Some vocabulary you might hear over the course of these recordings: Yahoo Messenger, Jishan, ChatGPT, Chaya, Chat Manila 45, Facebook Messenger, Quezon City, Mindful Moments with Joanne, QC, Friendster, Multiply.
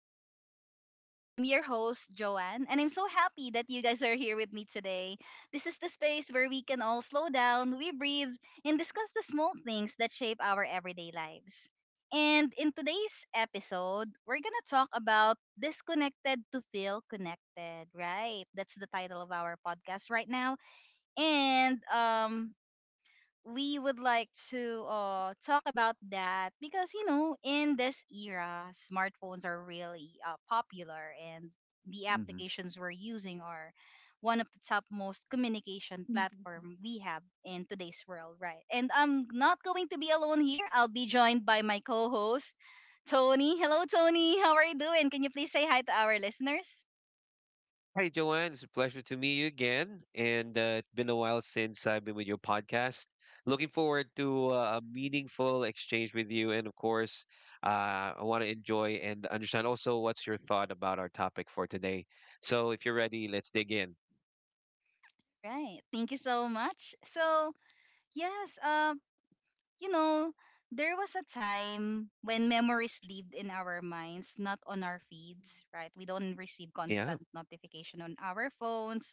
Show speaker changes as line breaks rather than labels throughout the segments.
Moments with Joanne. I'm your host, Joanne, and I'm so happy that you guys are here with me today. This is the space where we can all slow down, we breathe, and discuss the small things that shape our everyday lives. And in today's episode, we're going to talk about disconnected to feel connected, right? That's the title of our podcast right now. And we would like to talk about that because you know in this era smartphones are really popular and the
hmm
applications we're using are one of the top most communication
Mhm.
platform we have in today's world, right? And I'm not going to be alone here. I'll be joined by my co-host Tony. Hello, Tony, how are you doing? Can you please say hi to our listeners?
Hi, Joanne. It's a pleasure to meet you again. And it's been a while since I've been with your podcast. Looking forward to a meaningful exchange with you. And of course, I want to enjoy and understand also what's your thought about our topic for today. So if you're ready, let's dig in.
Right, thank you so much. So yes, you know, there was a time when memories lived in our minds, not on our feeds, right? We don't receive
Yeah.
constant notification on our phones,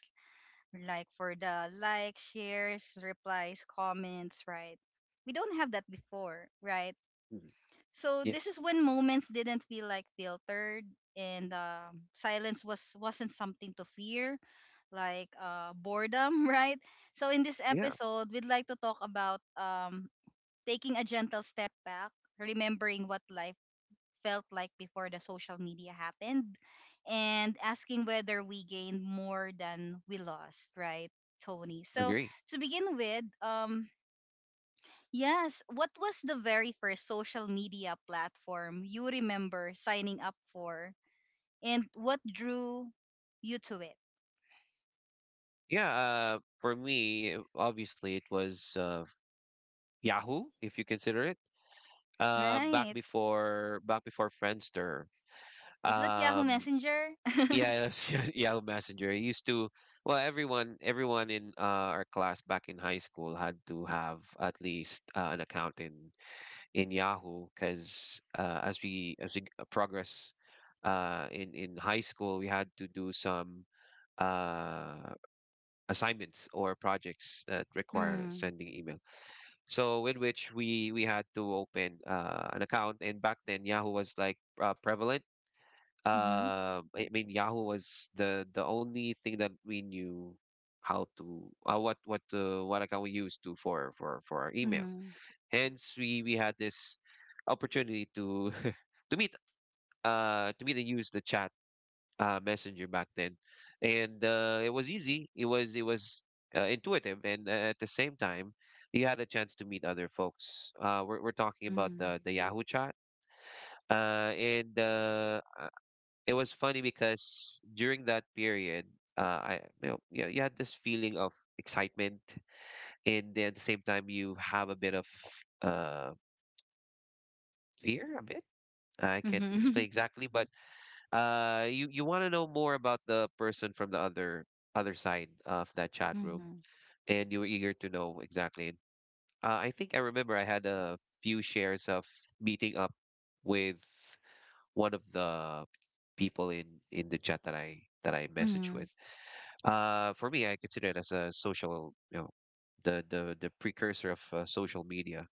like for the like, shares, replies, comments, right? We don't have that before, right?
Mhm.
So this
Yes.
is when moments didn't feel like filtered and silence wasn't something to fear, like boredom. Right. So in this
Yeah.
episode, we'd like to talk about taking a gentle step back, remembering what life felt like before the social media happened, and asking whether we gained more than we lost, right, Tony? So
Agree.
to begin with, yes, what was the very first social media platform you remember signing up for, and what drew you to it,
Yeah. For me, obviously, it was Yahoo, if you consider it. Uh, back
right?
before back before Friendster.
Was that Yahoo
Um,
Messenger?
Yeah, that's Yahoo Messenger. Well, everyone in our class back in high school had to have at least an account in Yahoo, because as we progress in high school, we had to do some uh, assignments or projects that require
Mm-hmm.
sending email. So with which we had to open an account, and back then Yahoo was like prevalent I mean, Yahoo was the only thing that we knew how to what account we used to for our email.
Mm-hmm.
Hence, we had this opportunity to to meet to meet and use the chat messenger back then, and it was easy. It was intuitive, and at the same time, you had a chance to meet other folks. We're talking about
Mm-hmm.
the Yahoo chat. And It was funny because during that period, I you you had this feeling of excitement, and then at the same time you have a bit of uh, fear, a bit. I can't
Mm-hmm.
explain exactly, but you you want to know more about the person from the other side of that chat room,
Mm-hmm.
and you were eager to know exactly. And I think I remember I had a few shares of meeting up with one of the people in the chat that I messaged
Mm-hmm.
with. For me, I consider it as a social, the the precursor of social media.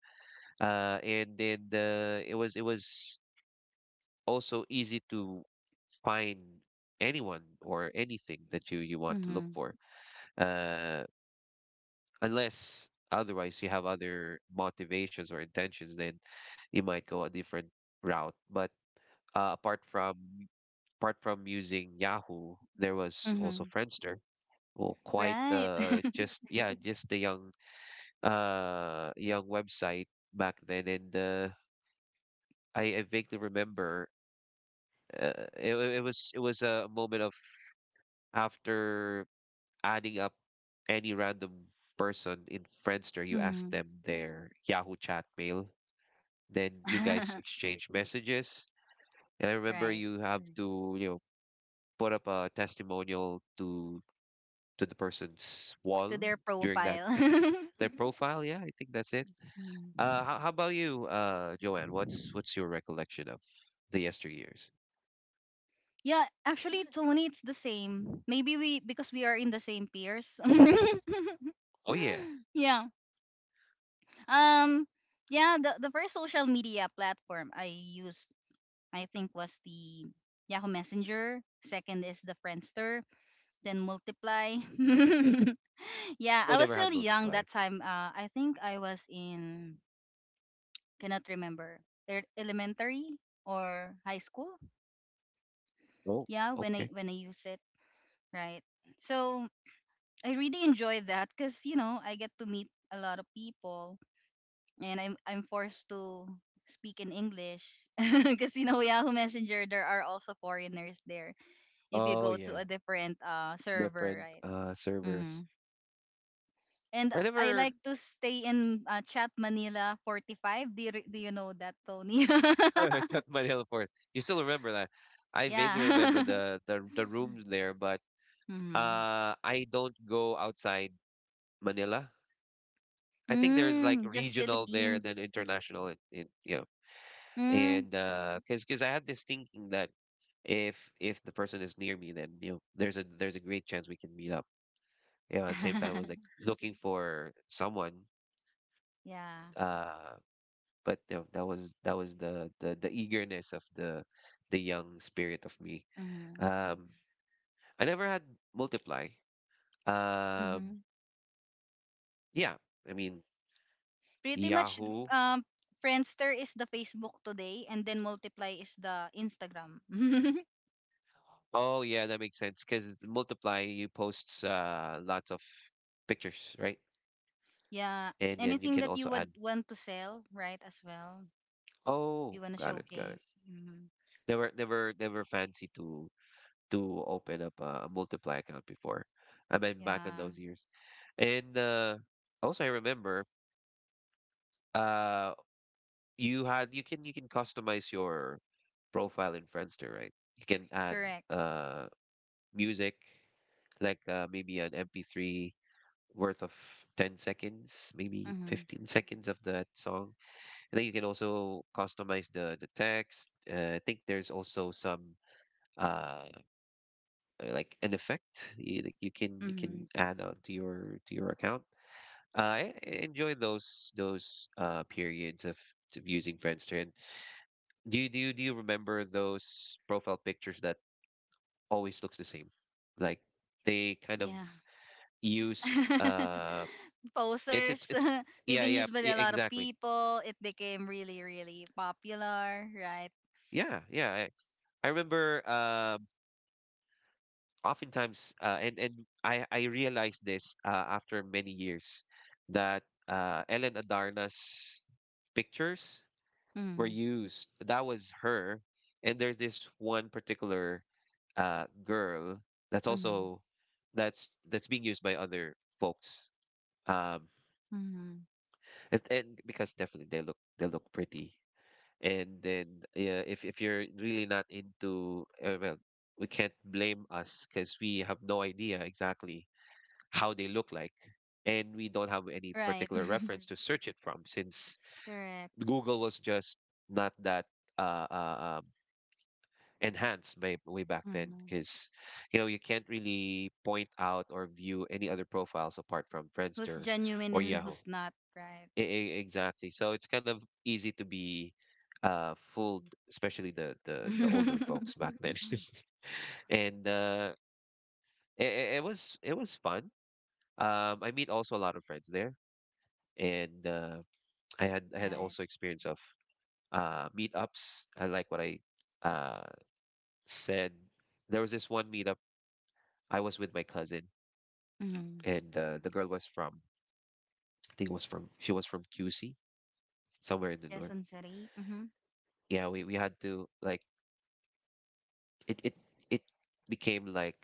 And It was also easy to find anyone or anything that you want to look
Mm-hmm.
for, uh, unless otherwise you have other motivations or intentions. Then you might go a different route. But Apart from apart from using Yahoo, there was also
Mm-hmm.
Friendster. Well, quite
Right.
just yeah, just the young young website back then. And I vaguely remember it was a moment of after adding up any random person in Friendster. You ask them
Hmm.
their Yahoo chat mail, then you guys exchange messages. And I remember
Right.
you have to, you know, put up a testimonial to the person's
To
wall
their
during that
profile.
their profile. Yeah, I think that's it.
Mm.
How about you, Joanne? What's your recollection of the yesteryears?
Yeah,
Yeah.
actually, Tony, it's the same. Maybe we because we are in the same peers.
Oh yeah.
Yeah. Um. Yeah. The first social media platform I used, I think, was the Yahoo Messenger. Second is the Friendster. Then Multiply. Yeah,
Oh,
I was
never
still
had
young
multiply.
that time. I think I was in cannot remember. They're elementary or high school.
Oh,
Yeah,
okay.
when I use it, right? So I really enjoy that because you know I get to meet a lot of people, and I'm forced to speak in English because you know Yahoo Messenger there are also foreigners there if you
Oh
go to
yeah.
a different server,
Different
right?
servers.
Hmm. And
I
I
never
like to stay in Chat Manila 45. Do you, re- do you know that, Tony?
got Manila for it. You still remember that? I vaguely remember
Yeah.
the rooms there, but
Hmm.
I don't go outside Manila. I think there's like
Mm, just
regional there and
Philippines.
then international and you know.
Mm.
And because I had this thinking that if the person is near me, then you know there's a great chance we can meet up. You know, at the same time, I was like looking for someone,
Yeah.
uh, but you know that was the eagerness of the young spirit of me.
Mm-hmm.
Um, I never had Multiply. Um,
Mm-hmm.
yeah, I mean
Pretty much,
Yahoo.
um, Friendster is the Facebook today, and then Multiply is the Instagram.
Oh yeah, that makes sense because Multiply you posts lots of pictures, right?
Yeah.
And then you
Anything
can
that you
also
would
add.
want to sell, right? As well,
Oh,
you want to
got it, got it.
showcase. Mm-hmm.
Never fancy to open up a multiply account before. I mean, back in
Yeah.
those years. And also, I remember uh, you had you can customize your profile in Friendster, right? You can add
Correct.
uh, music, like maybe an MP3 worth of 10 seconds, maybe
Mm-hmm.
15 seconds of that song. And then you can also customize the text. I think there's also some. Uh, like an effect you, like you can
Mm-hmm.
add on to your account. I enjoy those periods of using Friendster. And do you do you remember those profile pictures that always looks the same? Like they kind of
Yeah.
used
Posers.
it's
They've
yeah
been
yeah
used by a lot of
exactly.
people. It became really, really popular, right?
Yeah, yeah. I remember oftentimes and I realized this after many years that Ellen Adarna's pictures were
Mm-hmm.
used. That was her, and there's this one particular girl that's
Mm-hmm.
also that's being used by other folks. Um,
Mm-hmm.
and because definitely they look pretty. And then yeah, if you're really not into well, we can't blame us because we have no idea exactly how they look like, and we don't have any
Right.
particular reference to search it from, since
Correct.
Google was just not that uh, uh, um, enhanced way, way back then,
Mm-hmm.
because you know you can't really point out or view any other profiles apart from
Who's
Friendster
genuine
or
and
Yahoo.
who's not, right?
Exactly. So it's kind of easy to be fooled, especially the older folks back then. And it was fun. I meet also a lot of friends there, and I had
Right.
also experience of meetups. I like what I uh, said. There was this one meetup. I was with my cousin,
Mm-hmm.
and the girl was from she was from QC somewhere in the north.
Quezon City. Mm-hmm.
Yeah, we had to like it it it became like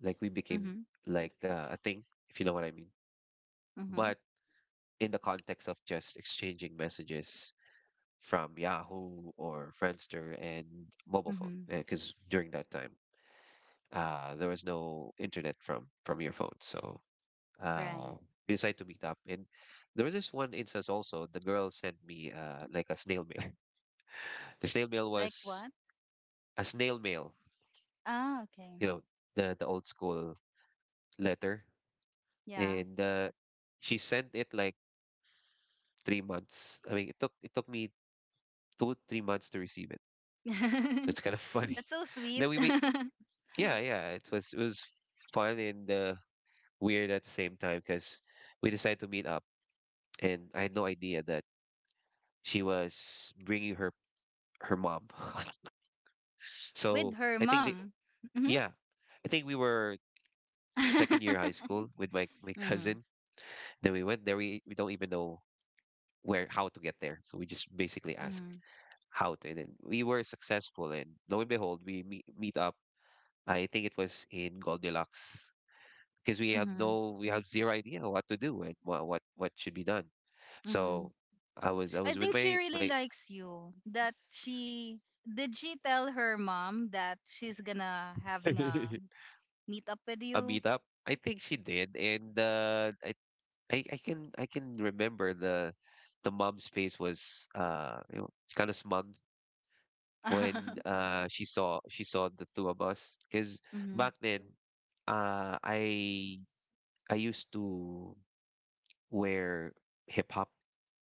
we became
Mm-hmm.
like a thing, if you know what I mean.
Mm-hmm.
But in the context of just exchanging messages from Yahoo or Friendster and mobile phone,
Mm-hmm.
because during that time there was no internet from your phone. So uh,
Right.
we decided to meet up. And there was this one instance also. The girl sent me like a snail mail. The snail mail
Like
was
what?
a snail mail,
Ah, okay.
you know, the old school letter.
Yeah.
And she sent it like 3 months. I mean, it took me 2 3 months to receive it. So it's kind of funny.
That's so sweet.
Then we made yeah, yeah, it was fun and weird at the same time because we decided to meet up, and I had no idea that she was bringing her mom.
With
So
her
I think the
mom. Mm-hmm.
yeah, I think we were second year high school with my
Mm-hmm.
cousin. Then we went there. We don't even know where how to get there. So we just basically asked
Mm-hmm.
how to, and then we were successful. And lo and behold, we meet up. I think it was in Goldilocks, because we have
Mm-hmm.
no we have zero idea what to do and what should be done. So I was
I
with
think she
my
really
my
likes you. That she did she tell her mom that she's gonna having a meet up with
A
you?
meetup? I think she did, and I can remember the mom's face was you know, kind of smug when she saw the two of us, because back
Mhm.
then uh I I used to wear hip hop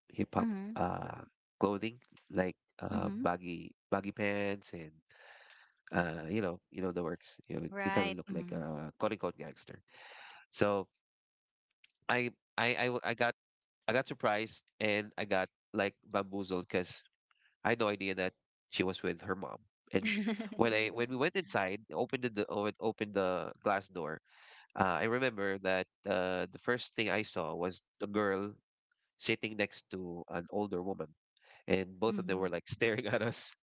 hip hop
Mhm.
clothing like
Mhm.
baggy pants and you know the works, you know, you kind of
Right.
look like
Mhm.
a quote unquote gangster. So I I got surprised, and I got like bamboozled because I had no idea that she was with her mom. And when we went inside, opened the glass door, I remember that the first thing I saw was a girl sitting next to an older woman, and both of them were
Mhm.
like staring at us.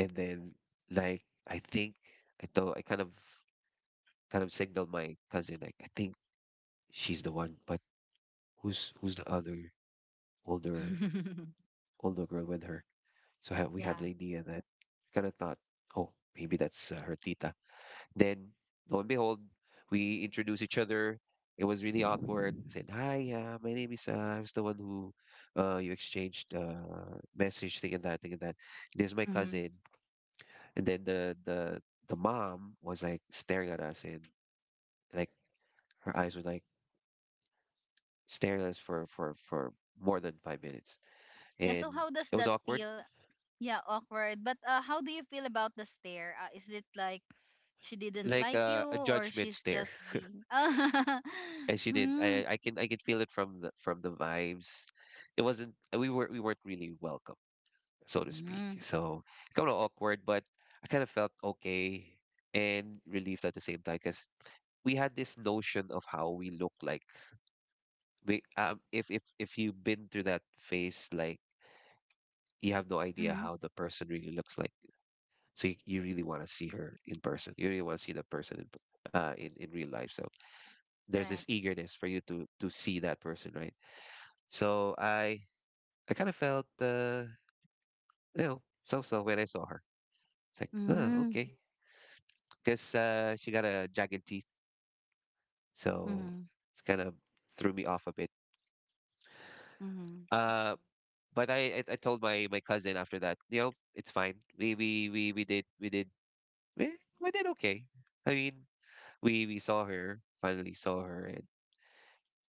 And then I think I kind of signaled my cousin like, I think she's the one, but who's the other older older girl with her? So we had
Yeah.
an idea that kind of thought, oh, maybe that's her tita. Then lo and behold, we introduced each other. It was really awkward. I said, hi, my name is, I was the one who you exchanged message, thing and that, thing and that. This is my
Mhm.
cousin. And then the mom was like staring at us, and like her eyes were like staring at us for, more than 5 minutes.
Yeah,
And
so how does
it was
that
awkward,
feel? Yeah, awkward. But how do you feel about the stare? Is it like she didn't
like
like you
a
or
judgment
she's
stare.
just being
And she did.
mm,
I can I can feel it from the vibes. It wasn't we weren't really welcome, so to speak.
mm,
So kind of awkward, but I kind of felt okay and relieved at the same time because we had this notion of how we look like. We If you've been through that phase, like you have no idea
mm,
how the person really looks like. So you really want to see her in person. You really want to see the person in in real life. So there's this
right.
eagerness for you to see that person, right? So I kind of felt, you know, so when I saw her. It's like, oh,
Mm-hmm.
okay. Because she got a jagged teeth. So
Mhm.
it's kind of threw me off a bit.
Mhm.
Uh, but I told my cousin after that, you know, it's fine. We did we did we, we did okay. I mean, we saw her finally saw her and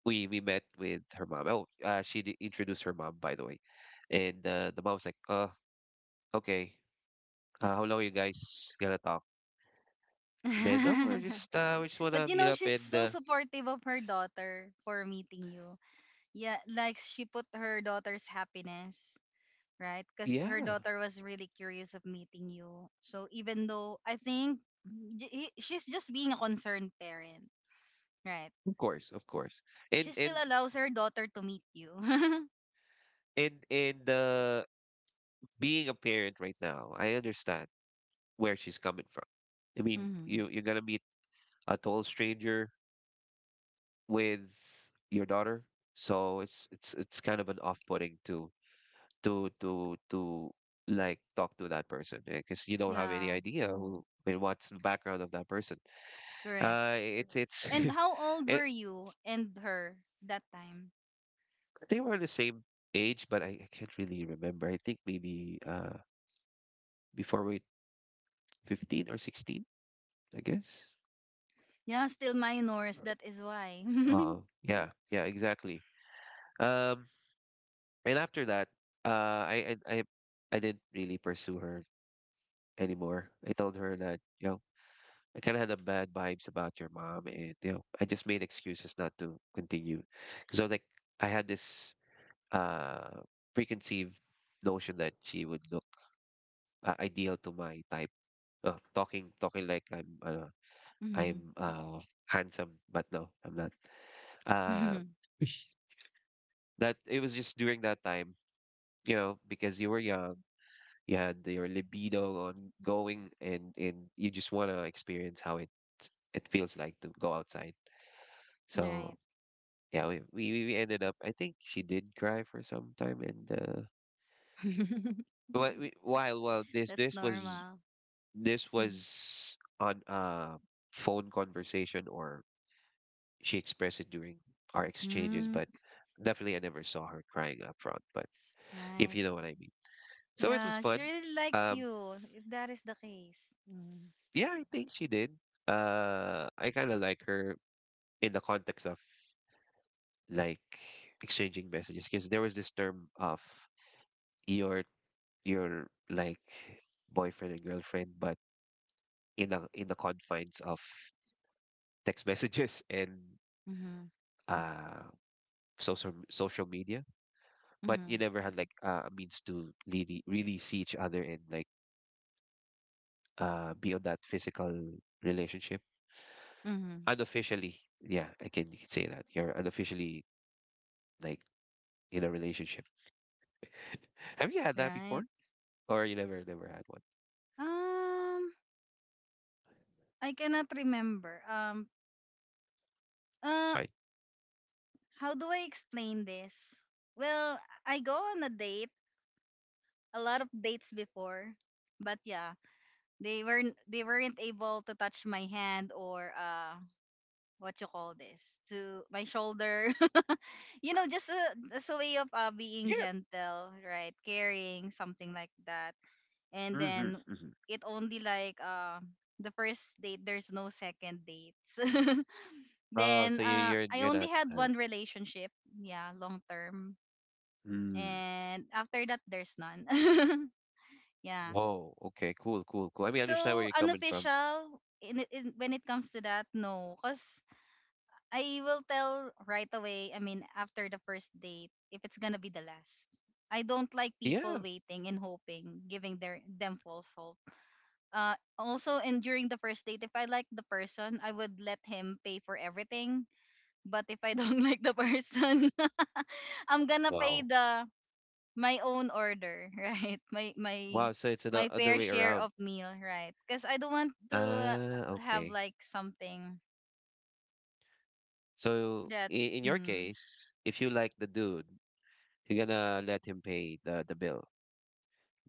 we met with her mom. Oh, she introduced her mom by the way, and the mom was like, oh, okay, how long you guys gonna talk? Then no, we're just we just
But
wanna
you
meet
know,
up
she's
and
so
uh,
supportive of her daughter for meeting you. Yeah, like she put her daughter's happiness, right? Because her
yeah,
daughter was really curious of meeting you. So even though I think she's just being a concerned parent, right?
of course, of course. And
She still
and
allows her daughter to meet you.
and Being a parent right now, I understand where she's coming from. I mean,
Mm-hmm.
you're gonna meet a total stranger with your daughter, so it's kind of an off-putting to to to to like talk to that person because you don't have any
Yeah,
idea who and what's the background of that person.
correct.
It's it's.
And how old
It,
were you and her that time?
I think we're the same age, but I can't really remember. I think maybe before we 15 or 16, I guess.
Yeah, still minors. That is why.
Uh yeah, yeah, exactly. Um and after that, uh I I I, I didn't really pursue her anymore. I told her that, you know, I kind of had a bad vibes about your mom and you know, I just made excuses not to continue because I was like I had this uh preconceived notion that she would look ideal to my type. Oh, talking like I'm
Mhm.
I'm uh handsome, but no, I'm not. Uh, that it was just during that time, you know, because you were young, you had your libido on going, and you just want to experience how it feels like to go outside. So
Right.
yeah, we ended up. I think she did cry for some time, and but we, while this
That's
this was
normal.
this
Mm,
was on a phone conversation or she expressed it during our exchanges,
mm,
but definitely I never saw her crying up front, but if
right.
you know what I mean. So it was
Yeah, she
fun.
really likes
Um,
you, if that is the case. Mm.
yeah, I think she did. I kind of like her in the context of like exchanging messages because there was this term of your your like boyfriend and girlfriend, but in the confines of text messages and
Mm-hmm.
uh social media. But you
Mm-hmm.
never had like a means to really see each other and like be on that physical relationship
Mm-hmm.
unofficially. Yeah, I can you can say that you're unofficially like in a relationship. Have you had that before
Right.
or you never had one?
Um, I cannot remember. Uh,
Fine.
how do I explain this? Well, I go on a date, a lot of dates before, but yeah, they weren't able to touch my hand or what you call this, to my shoulder. You know, just a way of being
Yeah.
gentle, right? Caring, something like that. And
Mm-hmm.
then
Mm-hmm.
it only like the first date, there's no second dates.
Oh
Then
so
I
you're
only
not
had one relationship, yeah, long term.
Mm.
And after that, there's none. Yeah.
Whoa, okay, cool, cool, cool. I mean I understand where
So
you're coming from.
unofficial, in, when it comes to that, no. Because I will tell right away. I mean, after the first date, if it's gonna be the last. I don't like
Yeah.
people waiting and hoping, giving their them false hope. Also, and during the first date, if I like the person, I would let him pay for everything. But if I don't like the person, I'm gonna pay
Wow.
the my own order, right? My my
Wow, so it's the
my
other
fair
way
share
around.
of meal, right? Because I don't want to
Ah,
have
okay.
like something
So
that.
in your
Mm,
case, if you like the dude, you're gonna let him pay the bill.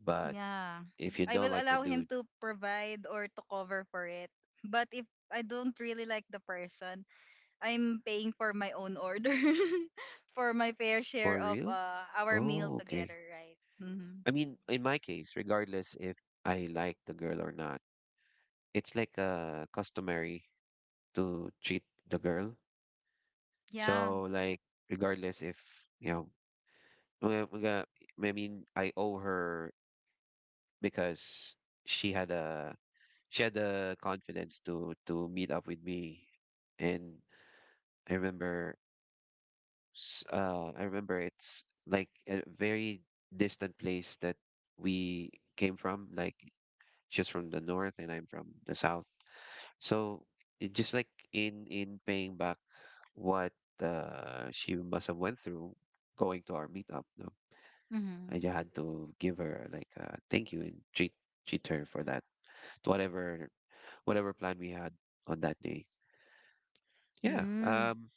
But
yeah.
if you
I
don't
will
like the
allow him
dude,
to provide or to cover for it. But if I don't really like the person, I'm paying for my own order for my fair share
for
of
real?
our meal
Oh, okay.
together, right? Mm-hmm.
I mean, in my case, regardless if I like the girl or not, it's like customary to treat the girl.
Yeah.
So like regardless if you know, mga- mga- I mean, I owe her because she had a she had the confidence to meet up with me and I remember, I remember it's like a very distant place that we came from. Like she's from the north and I'm from the south. So it just like in paying back what she must have went through going to our meetup, no,
Mm-hmm.
I just had to give her like a thank you and treat her for that whatever whatever plan we had on that day. Yeah.
Mm,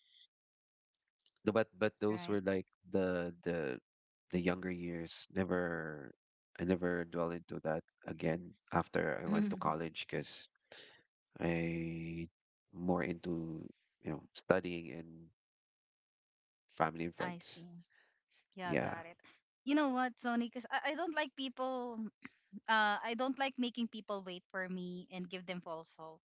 No, but those
right.
were like the the younger years. Never, I never dwell into that again after I went to college because I more into you know studying and family and
I
friends.
see. Yeah,
Yeah.
got it. You know what, Sony? Because I don't like people, I don't like making people wait for me and give them false hope.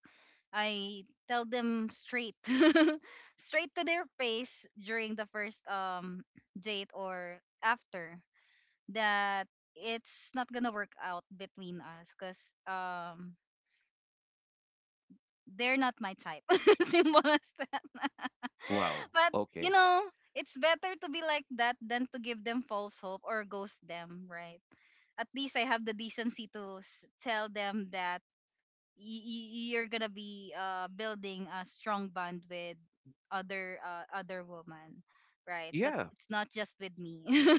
I tell them straight, straight to their face during the first date or after that it's not gonna work out between us because um they're not my type. Simple as that.
Wow.
But you
Okay.
know, it's better to be like that than to give them false hope or ghost them, right? At least I have the decency to s- tell them that you're gonna be building a strong bond with other other woman, right? But
Yeah.
it's not just with me.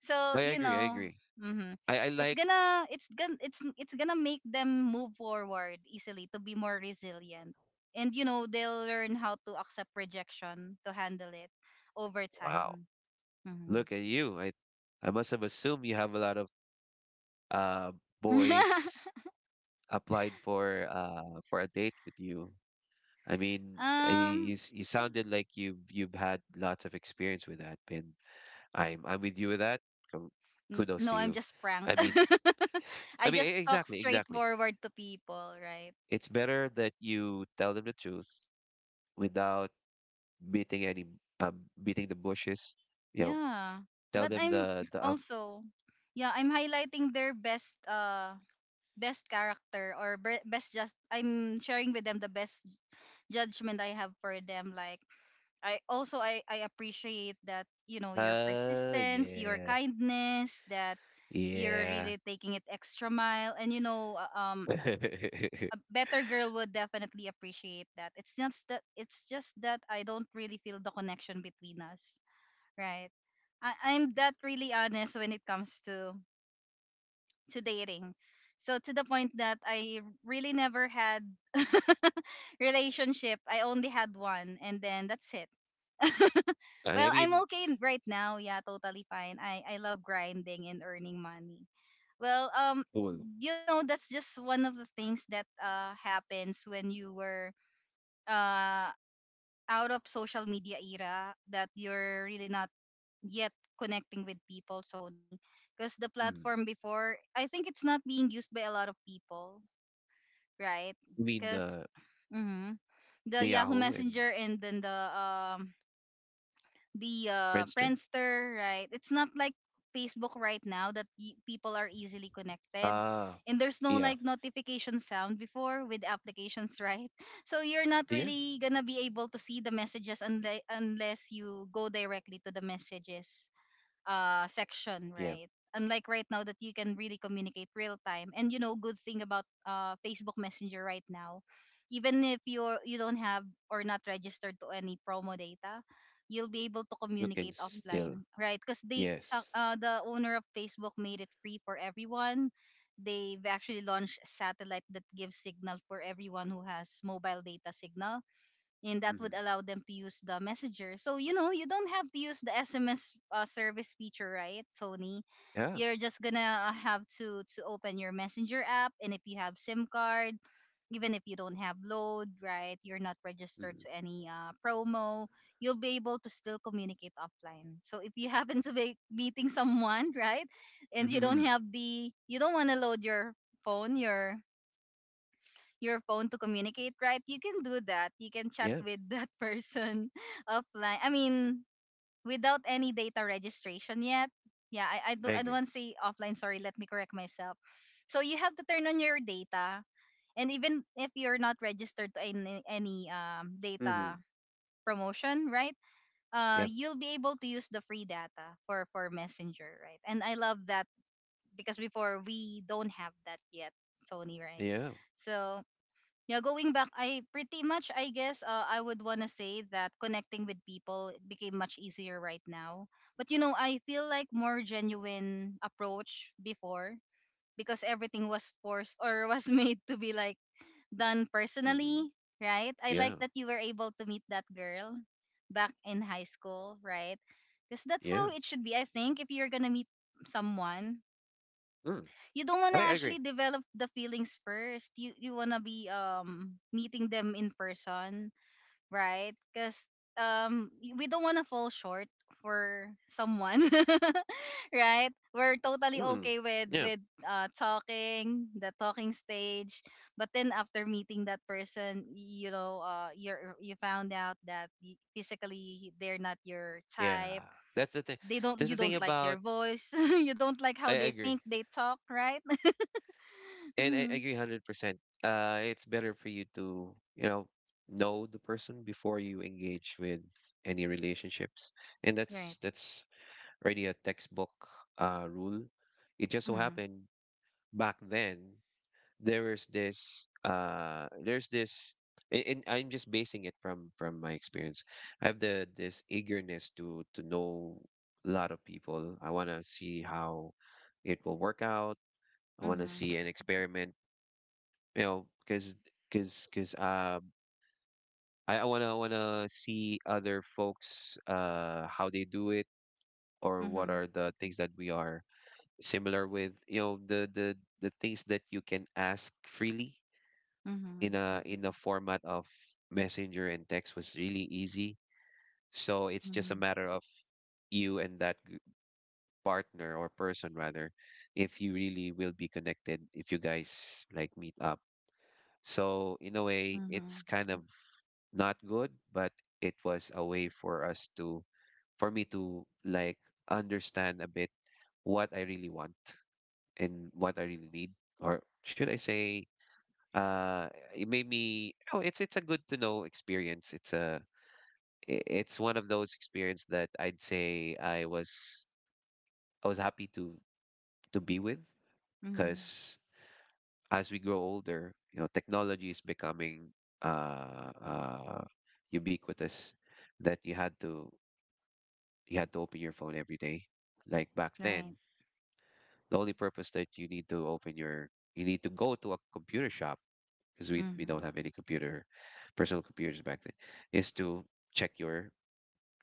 So
I
you
agree. I
know.
agree.
Hmm.
I
It's
like.
gonna it's gonna it's gonna make them move forward easily, to be more resilient, and you know they'll learn how to accept rejection, to handle it over
Wow.
time. Hmm.
Look at you. I must have assumed you have a lot of uh boys applied for a date with you. I mean,
um
you you sounded like you've had lots of experience with that, and I'm with you with that. Com-
N-
Kudos
no,
to
I'm
you.
just prank.
I mean,
I
I mean
just talk
exactly, exactly.
straightforward to people, right?
It's better that you tell them the truth without beating any um, beating the bushes. You know,
Yeah.
tell
But
them
I'm
the
also yeah, I'm highlighting their best best character or be- best just I'm sharing with them the best judgment I have for them, like I also I appreciate that you know your persistence, your
yeah,
kindness, that you're
yeah.
really taking it extra mile and you know a better girl would definitely appreciate that. It's just that it's just that I don't really feel the connection between us, right? I, I'm that really honest when it comes to dating. So to the point that I really never had relationship. I only had one and then that's it.
I
Well, I'm
mean,
okay n- right now. Yeah, totally fine. I love grinding and earning money. Well,
well,
you know that's just one of the things that happens when you were uh, out of social media era that you're really not yet connecting with people, Sony. Because the
mm,
platform before, I think it's not being used by a lot of people, right?
you mean
Because
the
the Yahoo
Yahoo and
Messenger and then the
Friendster?
Friendster, right? It's not like Facebook right now that people are easily connected
Ah,
and there's no
yeah,
like notification sound before with applications, right? So you're not
yeah.
really gonna be able to see the messages unless you go directly to the messages section,
Yeah.
right? Unlike right now that you can really communicate real time. And you know, good thing about Facebook Messenger right now, even if you're you don't have or not registered to any promo data, you'll be able to
You can
communicate
still.
offline, right? Because they
Yes.
the owner of Facebook made it free for everyone. They've actually launched a satellite that gives signal for everyone who has mobile data signal and that would
Hmm.
allow them to use the messenger, so you know you don't have to use the SMS service feature, right, Tony?
Yeah.
You're just gonna have to open your messenger app, and if you have sim card even if you don't have load, right, you're not registered to any promo, you'll be able to still communicate offline. So if you happen to be meeting someone, right, and you
Hmm.
don't have the you don't want to load phone your your phone to communicate, right? You can do that. You can chat
Yeah.
with that person offline. I mean, without any data registration yet. Yeah, I, I
I
do I don't
agree.
want to say offline. Sorry, let me correct myself. So you have to turn on your data. And even if you're not registered to any, any data
Hmm.
promotion, right?
Yeah.
You'll be able to use the free data for, Messenger, right? And I love that because before we don't have that yet, Sony, right?
Yeah.
So yeah, going back, I pretty much, I guess, I would want to say that connecting with people, it became much easier right now. But you know, I feel like more genuine approach before, because everything was forced or was made to be like done
Hmm.
personally, right? I like
Yeah.
that you were able to meet that girl back in high school, right? Because that's
Yeah.
how it should be, I think. If you're gonna meet someone,
Mm.
you don't want to
I agree.
actually develop the feelings first. You want to be meeting them in person, right? Cuz we don't want to fall short for someone, right? We're totally
Mm.
okay with
Yeah.
with talking, the talking stage, but then after meeting that person, you know, you found out that physically they're not your
Yeah.
type.
That's the thing.
They don't
That's
you
the thing
don't like their
about.
voice. You don't like how
I
they think,
agree,
they talk, right?
and I agree 100%. It's better for you to you know the person before you engage with any relationships, and
Right.
that's already a textbook rule. It just so
Mhm.
happened back then there is this there's this and I'm just basing it from my experience. I have the this eagerness to know a lot of people. I want to see how it will work out. I want to
Mhm.
see an experiment, you know, because I wanna see other folks how they do it or what
Mhm.
are the things that we are similar with. You know the things that you can ask freely
Mhm.
in a format of messenger and text was really easy so it's just a
Mhm.
matter of you and that partner or person rather if you really will be connected if you guys like meet up, so in a way it's
Mhm.
kind of not good but it was a way for us to for me to like understand a bit what I really want and what I really need, or should I say uh it made me. Oh, it's a good to know experience. It's one of those experience that I'd say I was happy to be with,
Mhm.
because as we grow older, you know, technology is becoming uh, uh, ubiquitous that you had to open your phone every day. Like back then,
Right.
the only purpose that you need to go to a computer shop because we don't
Mhm.
have any computer personal computers back then is to check your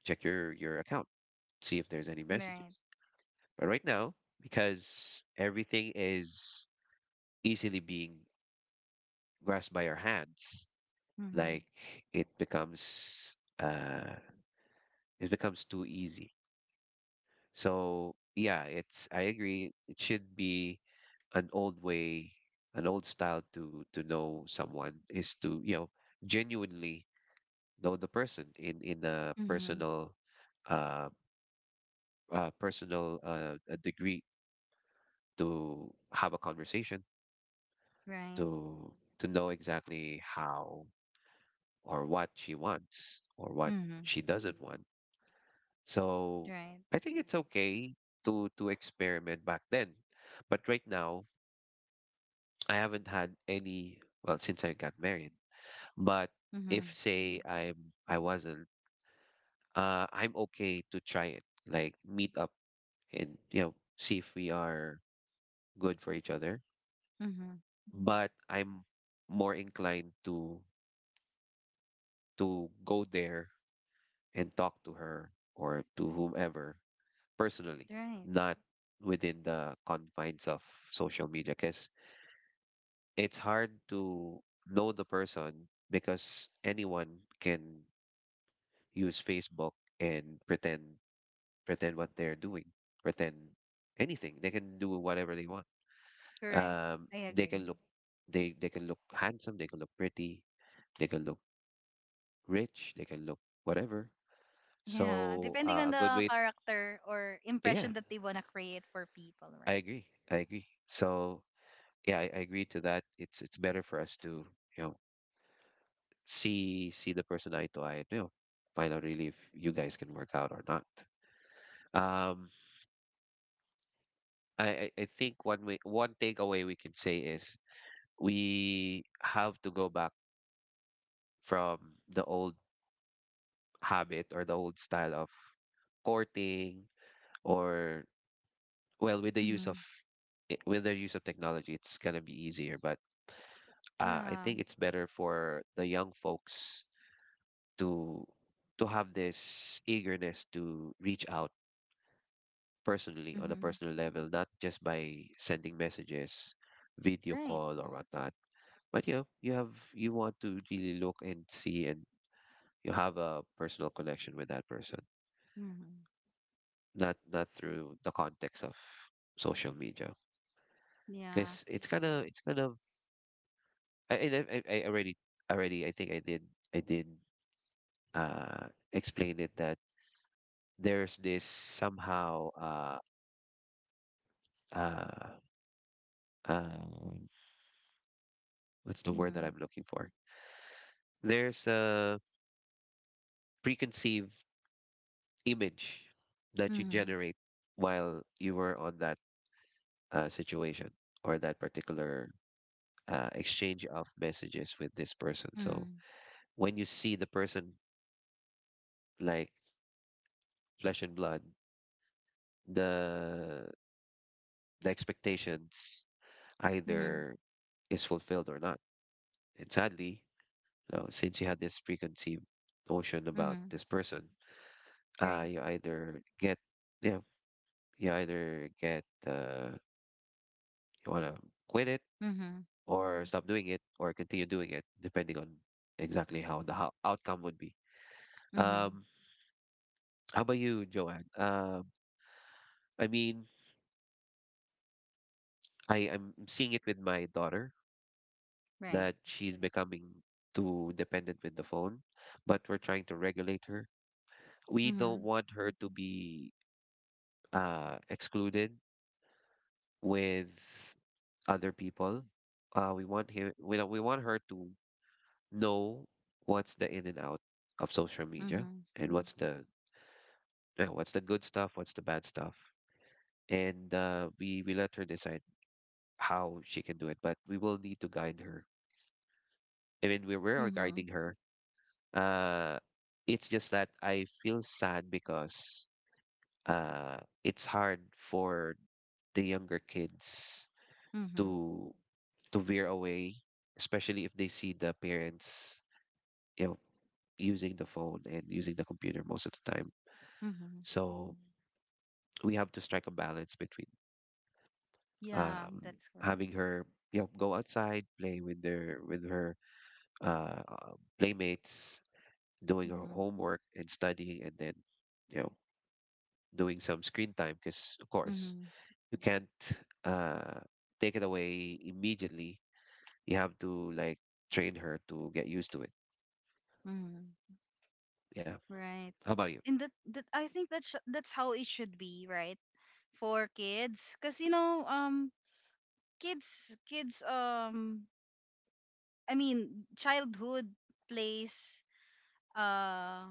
check your account, see if there's any
Right.
messages. But right now, because everything is easily being grasped by our hands, like
Mhm.
it becomes uh it becomes too easy. So yeah, it's I agree it should be an old way, an old style to know someone is to, you know, genuinely know the person in a
Mhm.
personal uh, degree, to have a conversation
Right.
to know exactly how or what she wants or what
Mhm.
she doesn't want. So
Right.
I think it's okay to experiment back then. But right now, I haven't had any, well, since I got married. But if
Mhm.
say I wasn't, I'm okay to try it, like meet up and you know see if we are good for each other.
Mhm.
But I'm more inclined to go there and talk to her or to whomever personally,
Right.
not within the confines of social media. Because it's hard to know the person because anyone can use Facebook and pretend what they're doing, pretend anything. They can do whatever they want.
Correct. I
They can
agree.
look they can look handsome, they can look pretty, they can look rich, they can look whatever.
Yeah,
So
depending on
a good
the
way,
character or
yeah,
impression that they want to create for people,
I
right?
agree. I agree. So yeah, I agree to that. It's better for us to you know see the person eye to eye. And you know, find out really if you guys can work out or not. Um, I think one way one takeaway we can say is we have to go back from the old habit or the old style of courting or well with the use of
Mhm.
with the use of technology it's gonna be easier but I
Yeah.
think it's better for the young folks to have this eagerness to reach out personally on a
Mhm.
personal level, not just by sending messages, video
Right.
call or whatnot. But you know, you have you want to really look and see and you have a personal connection with that person.
Mhm.
Not through the context of social media.
Yeah.
Because it's kind of I already I think I did I did explain it that there's this somehow uh um, what's the word that
Mhm.
I'm looking for? There's a preconceived image that you
Mhm.
generate while you were on that situation or that particular exchange of messages with this person. So
Mhm.
when you see the person like flesh and blood, the expectations
Mhm.
either is fulfilled or not. And sadly, you know, since you had this preconceived notion about
Mhm.
this person,
Right.
you either get yeah you either get you want to quit it
Mhm.
or stop doing it or continue doing it depending on exactly how the ho outcome would be.
Mhm.
um how about you, Joanne? I mean, I I'm seeing it with my daughter,
Right.
that she's becoming too dependent with the phone, but we're trying to regulate her. We don't
Mhm.
want her to be excluded with other people. We want him we, don't- we want her to know what's the in and out of social media
Mm-hmm.
and what's the yeah, what's the good stuff, what's the bad stuff. And we let her decide how she can do it, but we will need to guide her. I mean, we are
Mm-hmm.
guiding her. Uh, it's just that I feel sad because uh, it's hard for the younger kids
Mm-hmm.
to veer away, especially if they see the parents, you know, using the phone and using the computer most of the time.
Mm-hmm.
So, we have to strike a balance between
Yeah,
um,
that's correct.
having her, you know, go outside, play with their with her uh, uh, playmates, doing her
Mm-hmm.
homework and studying, and then, you know, doing some screen time, because of course
Mm-hmm.
you can't uh, take it away immediately. You have to like train her to get used to it.
Mm-hmm.
Yeah.
Right.
How about you?
And that I think that's how it should be, right? For kids, cuz you know kids kids I mean, childhood plays uh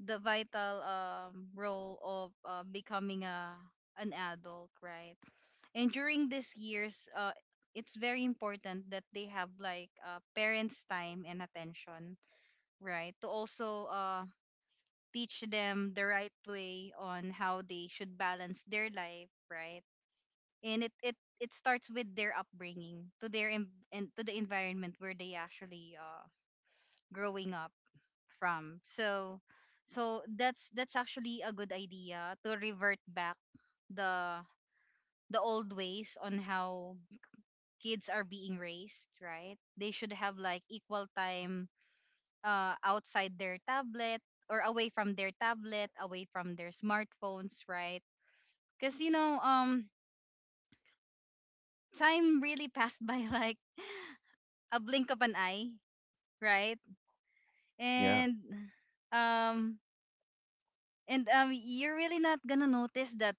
the vital role of becoming a an adult, right? And during these years, it's very important that they have like parents' time and attention, right, to also teach them the right way on how they should balance their life, right? And it starts with their upbringing, to their em- and to the environment where they actually growing up from. So so that's actually a good idea to revert back the the old ways on how kids are being raised, right? They should have like equal time, outside their tablet, or away from their tablet, away from their smartphones, right? Because you know, time really passed by like a blink of an eye, right?
Yeah.
And um, and you're really not gonna notice that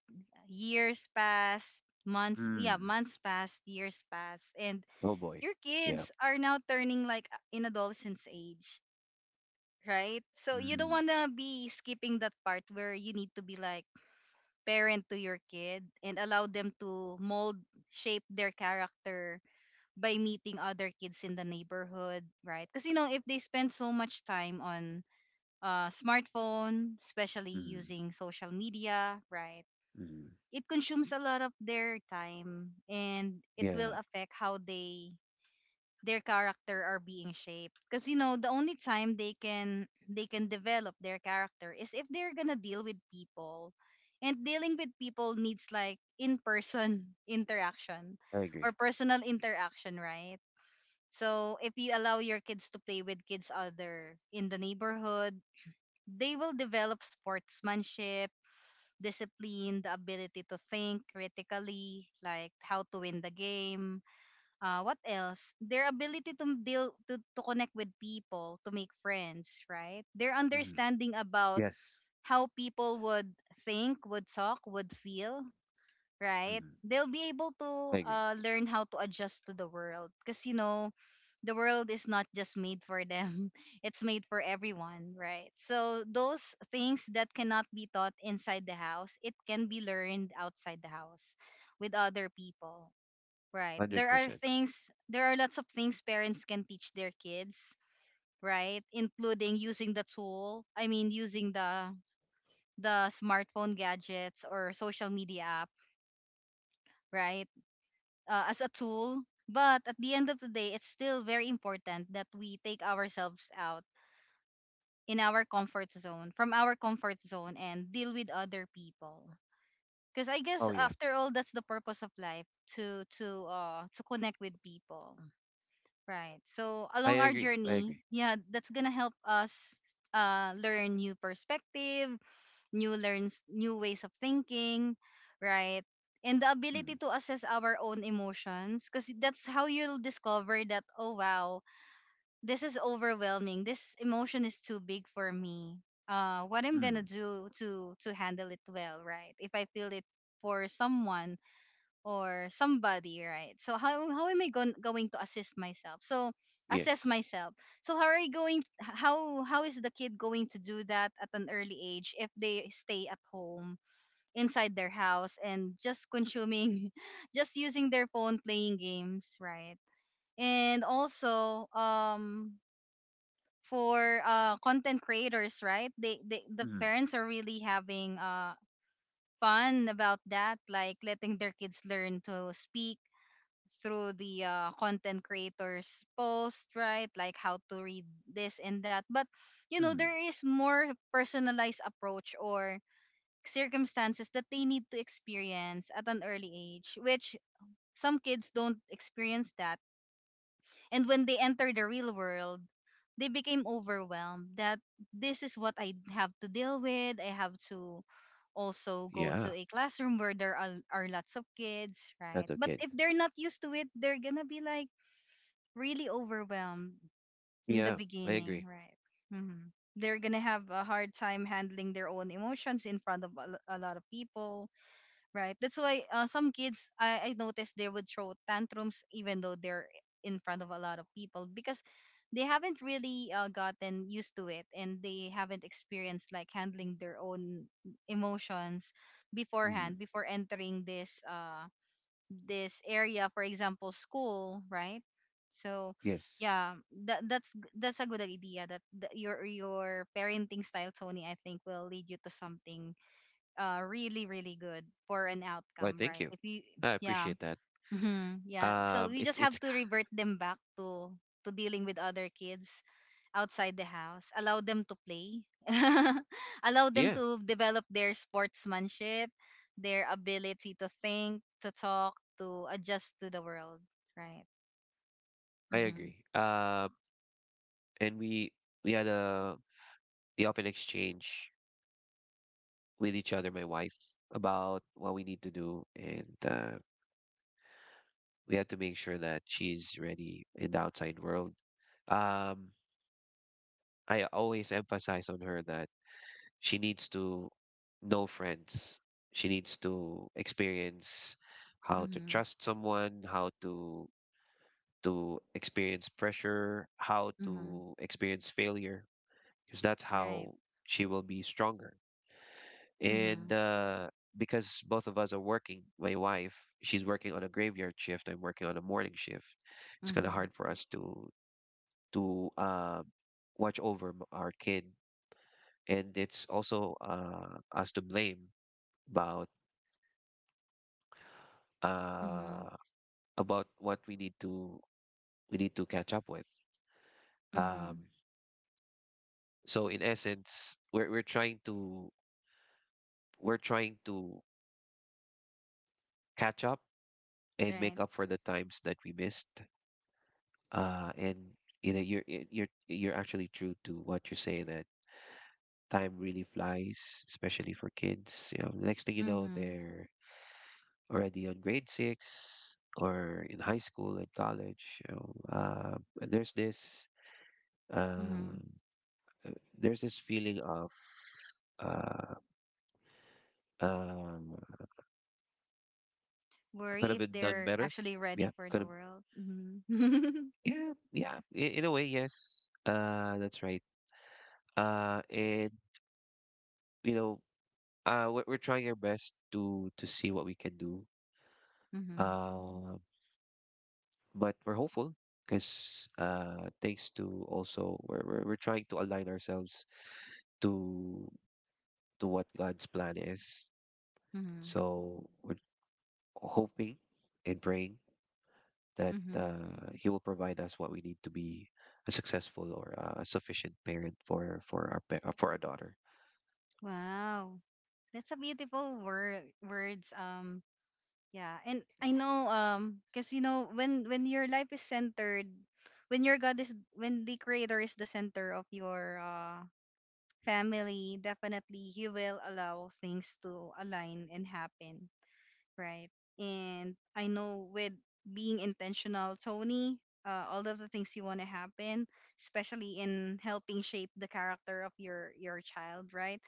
years passed,
Mm.
months passed, years passed, and
Oh boy.
your
Yeah.
kids are now turning like in adolescence age, right? So you don't
Mm.
want to be skipping that part where you need to be like parent to your kid and allow them to mold, shape their character by meeting other kids in the neighborhood, right? Because you know if they spend so much time on smartphone, especially
Mm.
using social media, right?
Mm.
It consumes a lot of their time and it will
Yeah.
affect how they their character are being shaped, because you know the only time they can develop their character is if they're gonna deal with people. And dealing with people needs like in person interaction
I
or
agree.
personal interaction, right? So if you allow your kids to play with kids other in the neighborhood, they will develop sportsmanship, discipline, the ability to think critically, like how to win the game. What else? Their ability to deal to connect with people, to make friends, right? Their
Mm.
understanding about
Yes.
how people would think, would talk, would feel, right?
Mm.
They'll be able to
I agree.
learn how to adjust to the world, because you know the world is not just made for them; it's made for everyone, right? So those things that cannot be taught inside the house, it can be learned outside the house with other people. Right. There are
100%.
things, there are lots of things parents can teach their kids, right? Including using the tool, I mean, using the smartphone gadgets or social media app, right? As a tool. But at the end of the day, it's still very important that we take ourselves out in our comfort zone, from our comfort zone and deal with other people. Because I guess
Oh, yeah.
after all, that's the purpose of life, to to connect with people. Right. So
I
along our
agree. I
journey,
agree.
yeah, that's gonna help us learn new perspective, new ways of thinking, right? And the ability
Mm.
to assess our own emotions, because that's how you'll discover that, oh wow, this is overwhelming. This emotion is too big for me. What I'm gonna
Mm.
do to handle it well, right? If I feel it for someone or somebody, right? So how am I going to assist myself? So assess
Yes.
myself. So how are you going how is the kid going to do that at an early age if they stay at home inside their house and just consuming just using their phone playing games, right? And also for content creators, right? The
Mm.
parents are really having fun about that, like letting their kids learn to speak through the content creators' post, right, like how to read this and that. But you know,
Mm.
there is more personalized approach or circumstances that they need to experience at an early age, which some kids don't experience that. And when they enter the real world, they became overwhelmed that this is what I have to deal with. I have to also go to
Yeah.
a classroom where are lots of kids, right?
That's
But
okay.
if they're not used to it, they're gonna be like really overwhelmed in the
Yeah. I
beginning,
agree.
right? Hmm. They're gonna have a hard time handling their own emotions in front of a a lot of people, right? That's why some kids, I noticed they would throw tantrums even though they're in front of a lot of people because they haven't really gotten used to it and they haven't experienced like handling their own emotions
Mm.
beforehand, before entering this this area, for example school, right? So
Yes.
yeah, that's a good idea that your parenting style, Tony, I think will lead you to something really really good for an
Well,
outcome,
thank
right?
you.
If you —
I
yeah.
appreciate that.
Mhm. Yeah. So
Um,
we
it's,
just have
it's,
to revert them back to dealing with other kids outside the house. Allow them to play. Allow them
yeah,
to develop their sportsmanship, their ability to think, to talk, to adjust to the world. Right.
I
Mhm.
agree. And we had a, we often exchange with each other, my wife, about what we need to do. And, we had to make sure that she's ready in the outside world. Um, I always emphasize on her that she needs to know friends. She needs to experience how to
Mhm.
trust someone, how to experience pressure, how
Mhm.
to experience failure, because that's
Right.
how she will be stronger. And
Mhm.
because both of us are working, my wife, she's working on a graveyard shift. I'm working on a morning shift. It's kind of
Mhm.
hard for us to to uh, watch over our kid, and it's also us to blame about
Mhm.
uh, about what we need to catch up with.
Mhm.
Um, so in essence, we're trying to catch up and make
Right.
up for the times that we missed. And you know, you're actually true to what you say, that time really flies, especially for kids. You know, next thing you know,
Mhm.
they're already on grade six or in high school and college. You know, there's this. Uh,
Mhm.
there's this feeling of uh, um, could
Worry
have
if
been done
they're
better.
actually ready
Yeah,
for
could
the
have.
world. Mhm.
Yeah, yeah. In a way, yes. That's right. And you know, we're trying our best to see what we can do.
Mhm.
Uh, but we're hopeful because thanks to also we're trying to align ourselves to what God's plan is.
Mhm.
So we're hoping and praying that
Mm-hmm.
he will provide us what we need to be a successful or a sufficient parent for for our daughter.
Wow. That's a beautiful words. Yeah. And I know because you know when your life is centered, when your God is — when the creator is the center of your family, definitely he will allow things to align and happen, right? And I know with being intentional, Tony, all of the things you want to happen, especially in helping shape the character of your child, right?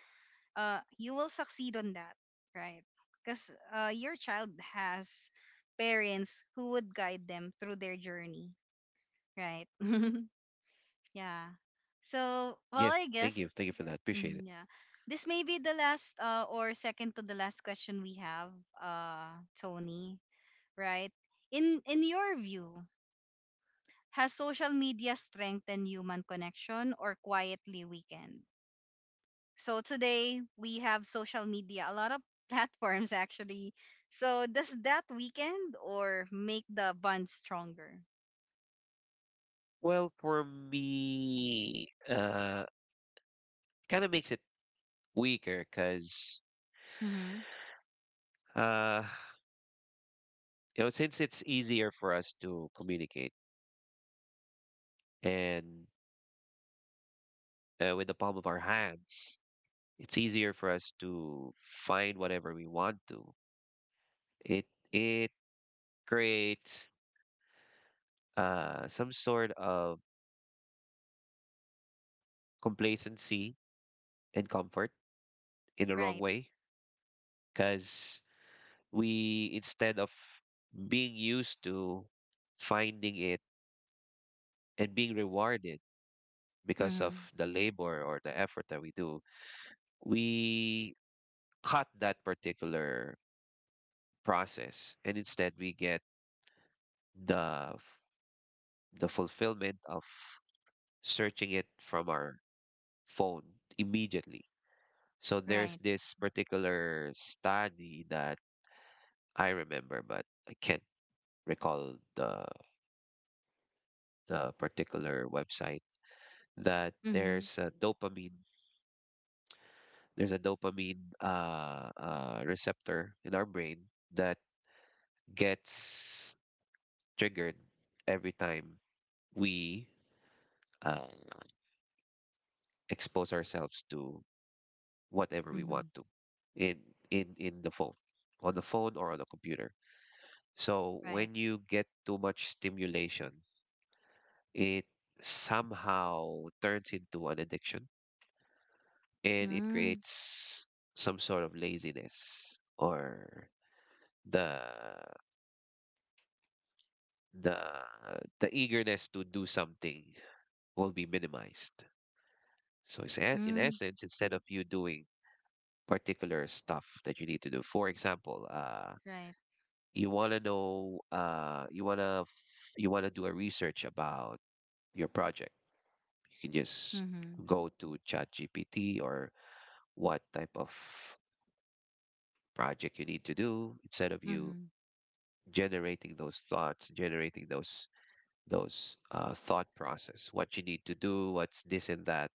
You will succeed on that, right? Because your child has parents who would guide them through their journey, right? Yeah. So, well, I
Yes, thank
guess,
you, for that. Appreciate it.
yeah. This may be the last or second to the last question we have, Tony, right? In your view, has social media strengthened human connection or quietly weakened? So today we have social media, a lot of platforms actually. So does that weekend or make the bond stronger?
Well, for me, kind of makes it weaker because
Mm-hmm.
uh, you know, since it's easier for us to communicate and with the palm of our hands, it's easier for us to find whatever we want to. It it creates some sort of complacency and comfort in the wrong
Right.
way, because we instead of being used to finding it and being rewarded because of
Mm-hmm.
the labor or the effort that we do, we cut that particular process, and instead we get the f- the fulfillment of searching it from our phone immediately. So there's
Right.
this particular study that I remember, but I can't recall the particular website. That
Mm-hmm.
there's a dopamine receptor in our brain that gets triggered every time we uh, expose ourselves to whatever we want
Mm-hmm.
to in in the phone or on the computer. So
Right.
when you get too much stimulation, it somehow turns into an addiction and it
Mm-hmm.
creates some sort of laziness, or the the eagerness to do something will be minimized. So it's in essence, instead of you doing particular stuff that you need to do, for example,
Right.
you want to know, you want to do a research about your project. You can just
Mm-hmm.
go to ChatGPT or what type of project you need to do, instead of you
Mm-hmm.
generating those thoughts, generating those thought process, what you need to do, what's this and that.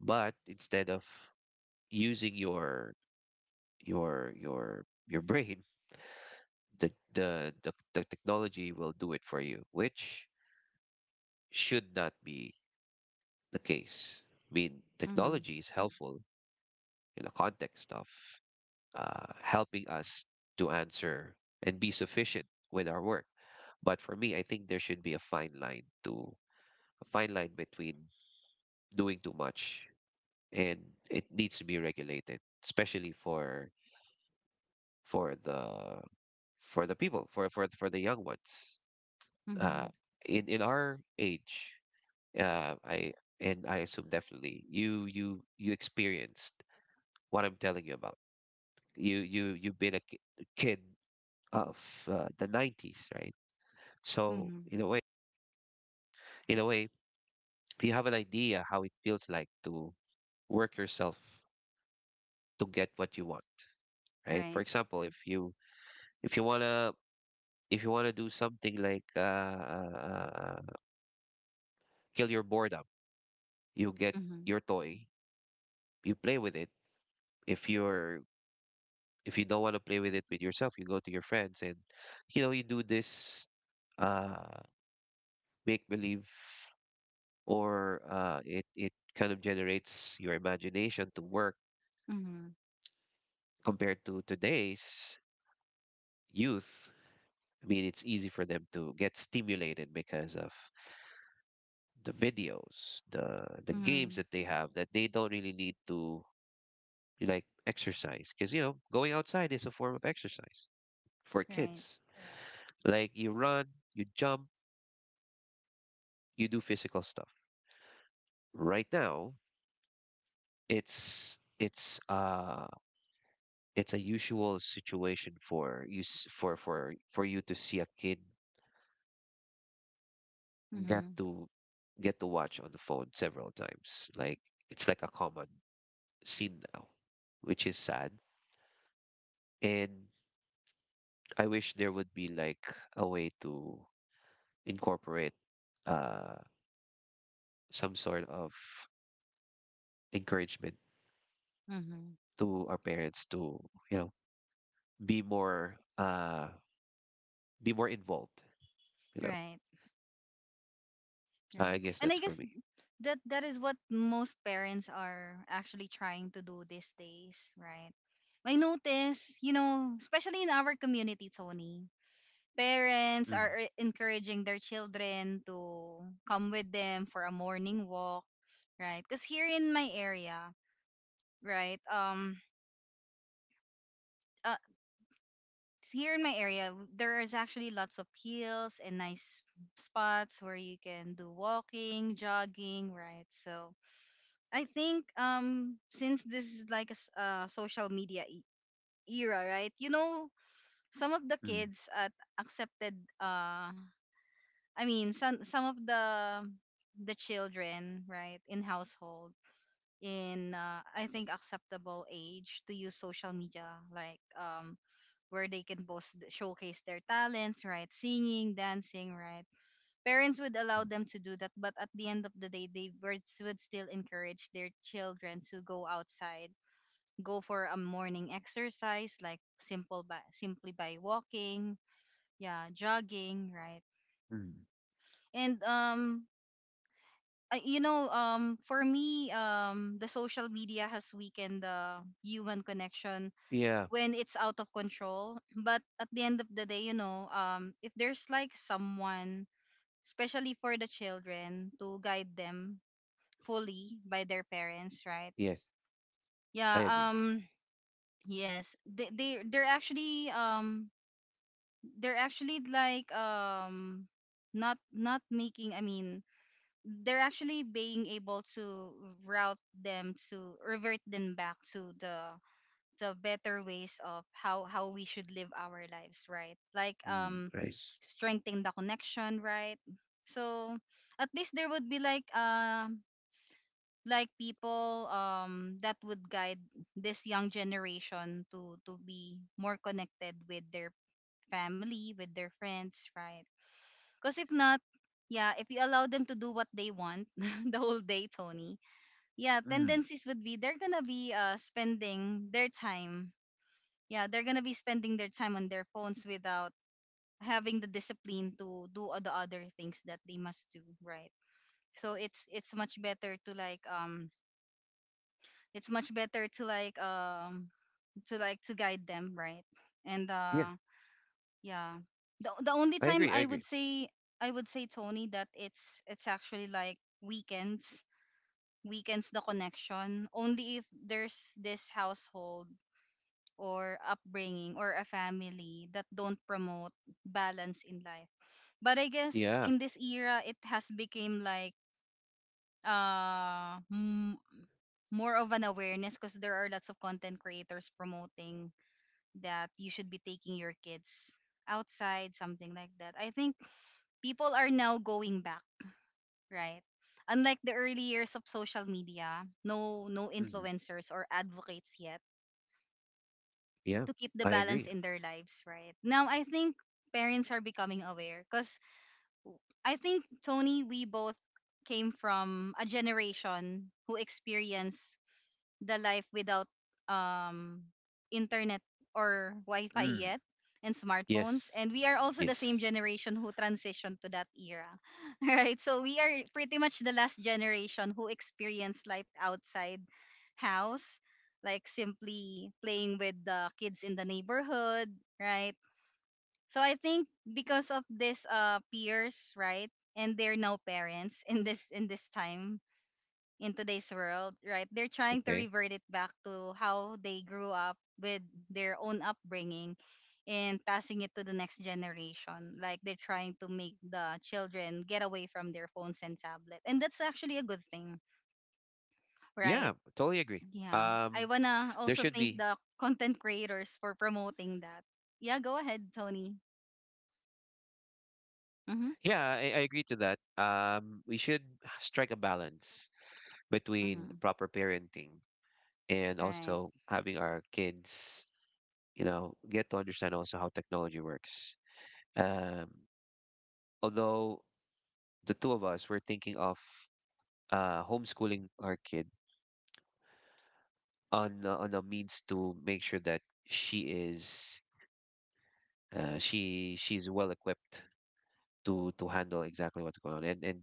But instead of using your brain, the technology will do it for you, which should not be the case. I mean,
Mm-hmm.
technology is helpful in the context of helping us to answer and be sufficient with our work. But for me, I think there should be a fine line to a fine line between doing too much, and it needs to be regulated, especially for the for the people for the young ones. Uh,
Mm-hmm.
in our age, I and I assume, definitely you experienced what I'm telling you about. You've been a kid of the 90s, right? So
Hmm.
in a way, you have an idea how it feels like to work yourself to get what you want, right? For
Right.
example, if you wanna if you wanna do something like kill your boredom, you get
Mm-hmm.
your toy, you play with it. If you're, if you don't want to play with it with yourself, you go to your friends and you know you do this uh, make believe, or it kind of generates your imagination to work
Mm-hmm.
compared to today's youth. I mean, it's easy for them to get stimulated because of the videos, the games
Mm-hmm.
that they have, that they don't really need to like exercise, because you know going outside is a form of exercise for
Right.
kids. Like you run, you jump, you do physical stuff. Right now, it's it's uh it's a usual situation for you s- for you to see a kid get
Mm-hmm.
to get to watch on the phone several times. Like it's like a common, seen now, which is sad. And I wish there would be like a way to incorporate uh, some sort of encouragement
Mm-hmm.
to our parents to, you know, be more uh, be more involved. You know,
Right.
I
Right.
guess
And
that's
I
for
guess
me.
that that is what most parents are actually trying to do these days, right? I notice, you know, especially in our community, Tony, parents are
Mm,
encouraging their children to come with them for a morning walk, right? Because here in my area, right, uh, here in my area, there is actually lots of hills and nice spots where you can do walking, jogging, right? So I think since this is like a social media era, right? You know, some of the
mm,
kids at accepted I mean, some of the children, right, in household in I think acceptable age to use social media, like where they can both showcase their talents, right? Singing, dancing, right? Parents would allow
mm,
them to do that, but at the end of the day, would still encourage their children to go outside, go for a morning exercise like simple by simply by walking, yeah, jogging, right?
mm,
and I- you know For me, the social media has weakened the human connection
yeah.
when it's out of control. But at the end of the day, if there's like someone, especially for the children, to guide them fully by their parents, right?
Yes, I
Yeah.
agree.
Yes, they're actually, they're actually like um not not making I mean they're actually being able to route them to revert them back to the better ways of how we should live our lives, right? Like,
Mm, right. Nice.
strengthening the connection, right? So at least there would be like, people that would guide this young generation to be more connected with their family, with their friends, right? Because if not, yeah, if you allow them to do what they want the whole day, Tony, yeah,
Mm,
tendencies would be they're gonna be spending their time. Yeah, they're gonna be spending their time on their phones without having the discipline to do all the other things that they must do, right? So it's much better to like, it's much better to like to like to guide them, right? And
yeah,
yeah The only
I
time
agree. I
I would
agree.
say, I would say, Tony, that it's actually like weekends, weekends, the connection only if there's this household or upbringing or a family that don't promote balance in life. But I guess
Yeah.
in this era it has become like uh m- more of an awareness, because there are lots of content creators promoting that you should be taking your kids outside, something like that. I think people are now going back, right? Unlike the early years of social media, no
Mm,
influencers or advocates yet
yeah,
to keep the
I
balance
agree.
in their lives, right? Now I think parents are becoming aware because I think, Tony, we both came from a generation who experienced the life without um internet or wi-fi
Mm.
yet, and smartphones,
Yes.
and we are also the same
Yes.
generation who transitioned to that era. Right, so we are pretty much the last generation who experienced life outside house, like simply playing with the kids in the neighborhood, right? So I think because of this peers, right, and they're now parents in this, in this time in today's world, right? They're trying to
Okay.
revert it back to how they grew up with their own upbringing and passing it to the next generation. Like they're trying to make the children get away from their phones and tablet. And that's actually a good thing, right?
Yeah, totally agree.
Yeah. I
Um,
wanna
there
also
should
thank
be.
the content creators for promoting that. Yeah, go ahead, Tony. Mm-hmm.
Yeah, I agree to that. We should strike a balance between
Mm-hmm.
proper parenting and
Right.
also having our kids, you know, get to understand also how technology works. Um, although the two of us were thinking of homeschooling our kid, on a means to make sure that she is she she's well equipped to handle exactly what's going on. And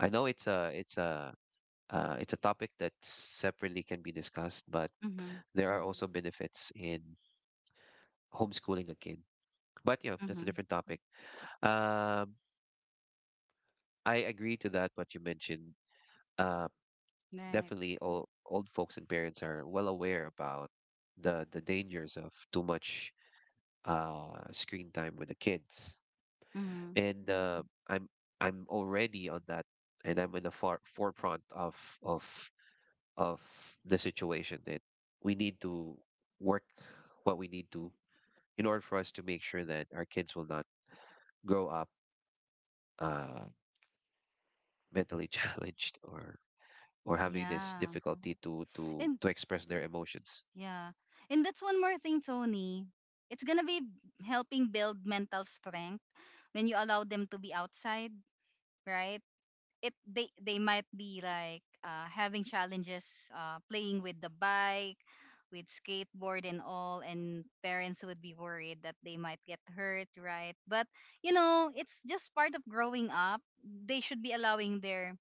I know it's a topic that separately can be discussed, but
Mm-hmm.
there are also benefits in homeschooling a kid. But you know, that's
Mm-hmm.
a different topic. Um, I agree to that what you mentioned. Uh,
Right.
definitely, old folks and parents are well aware about the dangers of too much screen time with the kids,
Mm-hmm.
and I'm I'm already on that, and I'm in the far forefront of of the situation that we need to work what we need to in order for us to make sure that our kids will not grow up, uh, mentally challenged or having this
Yeah.
difficulty to to
And
to express their emotions.
yeah. And that's one more thing, Tony. It's gonna be helping build mental strength when you allow them to be outside, right? It, they might be like, having challenges playing with the bike, with skateboard and all, and parents would be worried that they might get hurt, right? But you know, it's just part of growing up. They should be allowing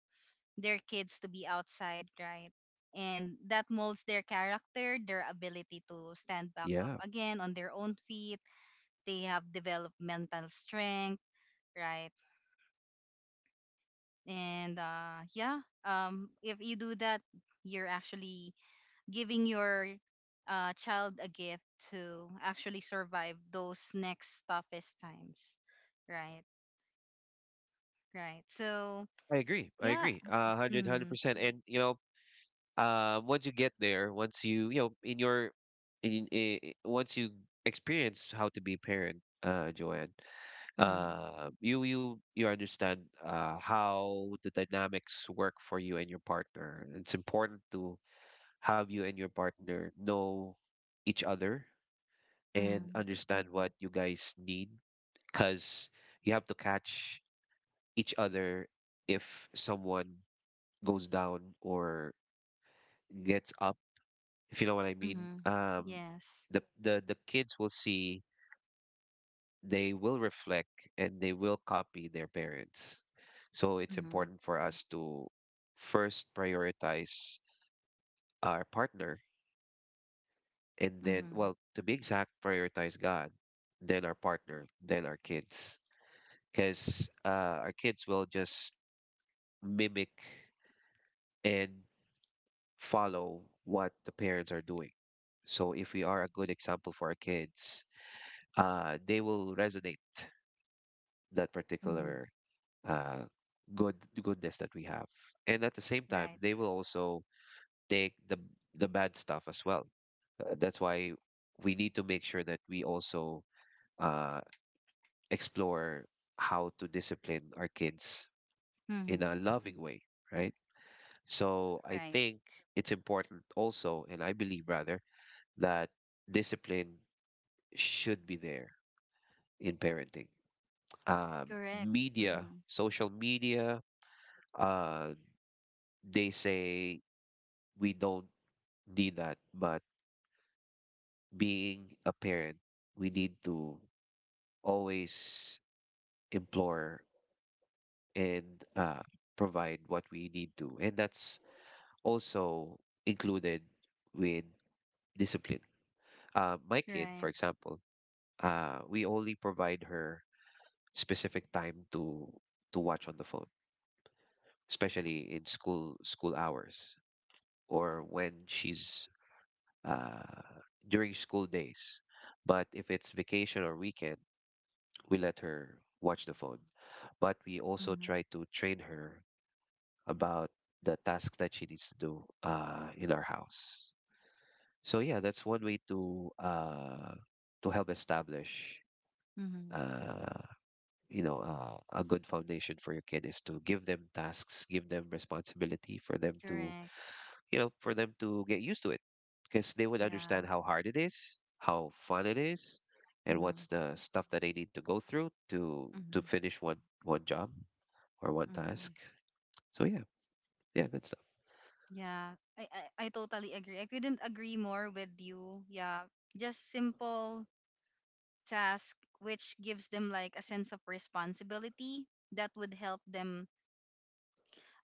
their kids to be outside, right? And that molds their character, their ability to stand back up
Yeah,
again on their own feet. They have developmental strength, right? And yeah, if you do that, you're actually giving your child a gift to actually survive those next toughest times, right? Right. So
I agree. I
yeah.
agree. Hundred hundred
Mm-hmm.
percent. And once you get there, once you you know in your in, I- once you experience how to be a parent, Joanne.
Mm-hmm.
You understand how the dynamics work for you and your partner. It's important to have you and your partner know each other and
Mm-hmm.
understand what you guys need, because you have to catch each other if someone goes down or gets up, if you know what I mean.
Mm-hmm. Yes.
The kids will see, they will reflect, and they will copy their parents. So it's
Mm-hmm.
important for us to first prioritize our partner, and then,
Mhm.
well, to be exact, prioritize God, then our partner, then our kids. Because our kids will just mimic and follow what the parents are doing. So if we are a good example for our kids, they will resonate that
Mhm.
particular uh, good goodness that we have. And at the same time,
Right.
they will also take the bad stuff as well. That's why we need to make sure that we also uh, explore how to discipline our kids in
Mhm.
a loving way, right? So I
Right.
think it's important also, and I believe rather that discipline should be there in parenting.
Correct.
Media,
Mhm.
social media, uh, they say we don't need that. But being a parent, we need to always implore and uh, provide what we need to. And that's also included with discipline. My kid,
Right.
for example, we only provide her specific time to watch on the phone, especially in school hours or when she's uh, during school days. But if it's vacation or weekend, we let her watch the phone, but we also
Mhm.
try to train her about the tasks that she needs to do in our house. So yeah, that's one way to help establish,
Mhm.
uh, a good foundation for your kid is to give them tasks, give them responsibility for them to,
Correct.
you know, for them to get used to it, because they would understand
Yeah.
how hard it is, how fun it is, and what's
Mhm.
the stuff that they need to go through to
Mhm.
finish one one job or one task.
Mhm.
So yeah, yeah, good stuff.
Yeah. I, I totally agree. I couldn't agree more with you. Yeah. Just simple task which gives them like a sense of responsibility that would help them,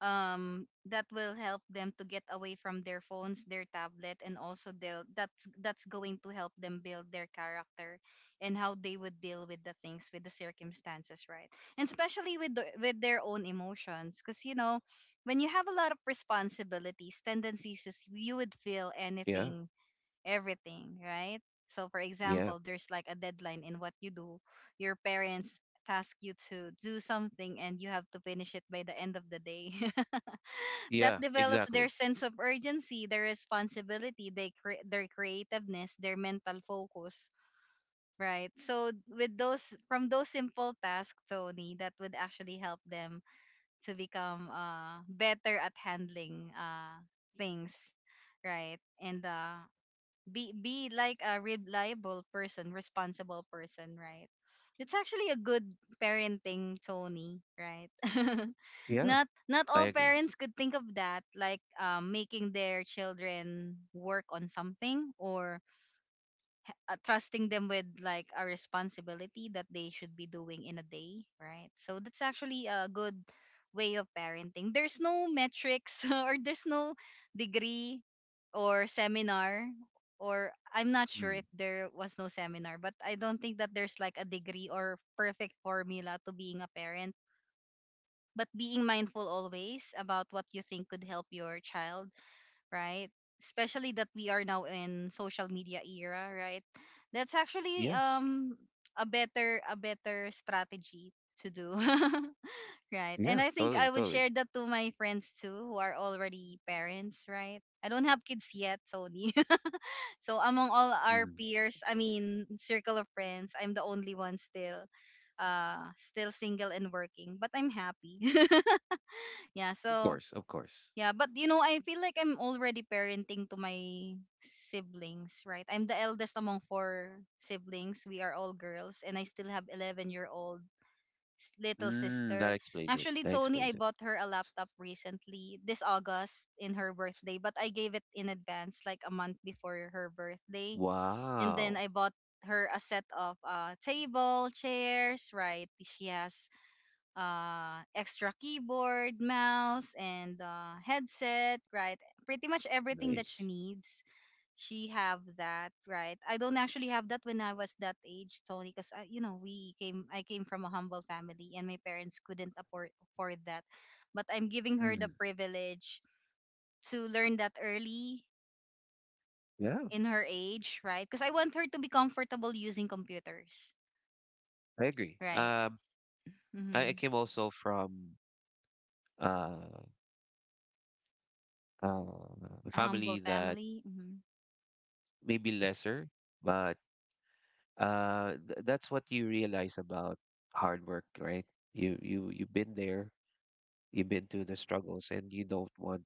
that will help them to get away from their phones, their tablet, and also they'll, that's going to help them build their character and how they would deal with the things, with the circumstances, right? And especially with with their own emotions, because you know, when you have a lot of responsibilities, tendencies is you would feel
Yeah,
anything, everything, right? So for
yeah,
example, there's like a deadline in what you do. Your parents task you to do something and you have to finish it by the end of the day. That
yeah,
develops their
exactly.
sense of urgency, their responsibility, their creativeness, their mental focus, right? So with those, from those simple tasks, Tony, that would actually help them to become better at handling things, right? And be like a reliable person, responsible person, right? It's actually a good parenting, Tony, right?
Yeah,
Not
I
all
agree.
parents could think of that, like, making their children work on something or trusting them with like a responsibility that they should be doing in a day, right? So that's actually a good way of parenting. There's no metrics or there's no degree or seminar, or I'm not sure if
Mm,
there was no seminar, but I don't think that there's like a degree or perfect formula to being a parent. But being mindful always about what you think could help your child, right? Especially that we are now in social media era, right? That's actually
yeah,
a better, a better strategy to do. Right. And
yeah,
I think
totally,
I would
totally.
share that to my friends too who are already parents, right? I don't have kids yet, Tony. So among all our
Mm,
peers, I mean circle of friends, I'm the only one still still single and working, but I'm happy. Yeah,
of
so
course, of course.
yeah, but you know, I feel like I'm already parenting to my siblings, right? I'm the eldest among four siblings. We are all girls, and I still have 11-year-old year old little
Mm, that
sister.
explains it.
Actually,
That
Tony, I
explains it.
bought her a laptop recently this August in her birthday, but I gave it in advance, like a month before her birthday. And then
Wow,
I bought her a set of table chairs, right? She has extra keyboard, mouse, and headset, right? Pretty much everything that she
nice.
needs, she have that, right? I don't actually have that when I was that age, Tony, because you know I came from a humble family, and my parents couldn't afford that. But I'm giving her the
Mm,
privilege to learn that early
yeah,
in her age, right? Because I want her to be comfortable using computers,
I agree.
right?
I
Mm-hmm.
I came also from uh, uh,
A humble
family that
family. Mm-hmm.
may be lesser, but that's what you realize about hard work, right? You've been there, you've been through the struggles, and you don't want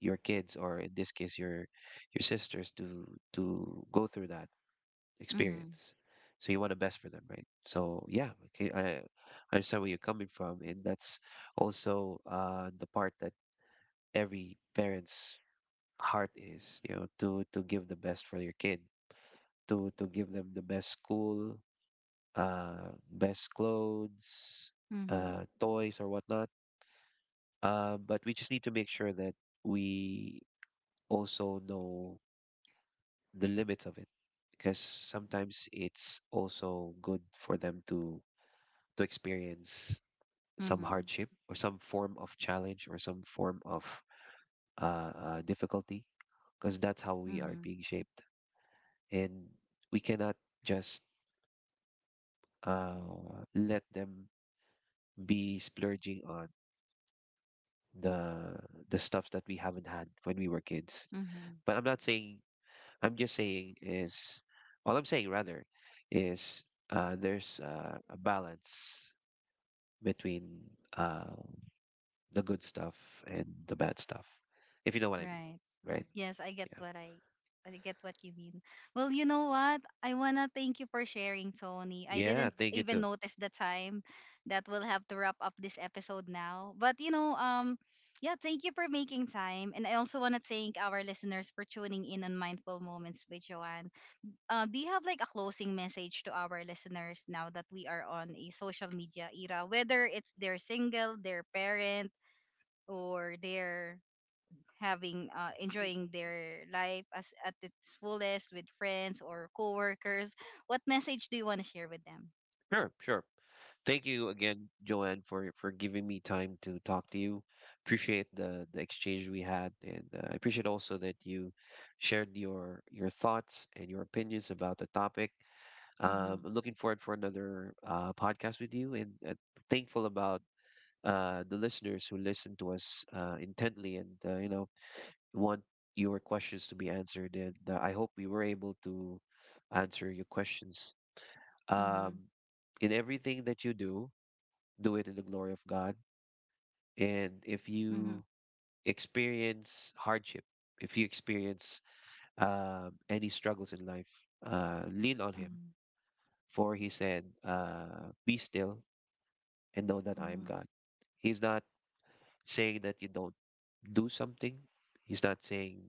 your kids, or in this case, your sisters, to go through that
Mm-hmm.
experience. So you want the best for them, right? So yeah, okay, I understand where you're coming from, and that's also the part that every parents heart is, you know, to give the best for your kid, to give them the best school, best clothes,
Mm-hmm.
toys or whatnot. But we just need to make sure that we also know the limits of it, because sometimes it's also good for them to experience some
Mm-hmm.
hardship or some form of challenge or some form of difficulty, because that's how we are
Mm-hmm.
being shaped. And we cannot just uh, let them be splurging on the the stuff that we haven't had when we were kids.
Mm-hmm.
But I'm not saying. I'm just saying is, all I'm saying rather is, there's a balance between uh, the good stuff and the bad stuff, if you know what I mean,
Right.
right?
Yes,
Yeah.
I get what you mean. Well, you know what? I wanna thank you for sharing, Tony. I
Yeah.
didn't
Thank you
even
too.
notice the time that we'll have to wrap up this episode now. But you know, yeah, thank you for making time. And I also wanna thank our listeners for tuning in on Mindful Moments with Joanne. Do you have like a closing message to our listeners now that we are on a social media era, whether it's they're single, they're parent, or they're having enjoying their life as at its fullest with friends or coworkers. What message do you want to share with them?
Sure, sure. Thank you again, Joanne, for giving me time to talk to you. Appreciate the exchange we had, and I appreciate also that you shared your thoughts and your opinions about the topic.
Mm-hmm.
I'm looking forward for another podcast with you, and thankful about the listeners who listen to us intently, and you know, want your questions to be answered. And I hope we were able to answer your questions.
Mm-hmm.
um, in everything that you do, do it in the glory of God. And if
Mm-hmm.
you experience hardship, if you experience any struggles in life, lean on Him. For He said, be still and know that I am
Mm-hmm.
God. He's not saying that you don't do something, He's not saying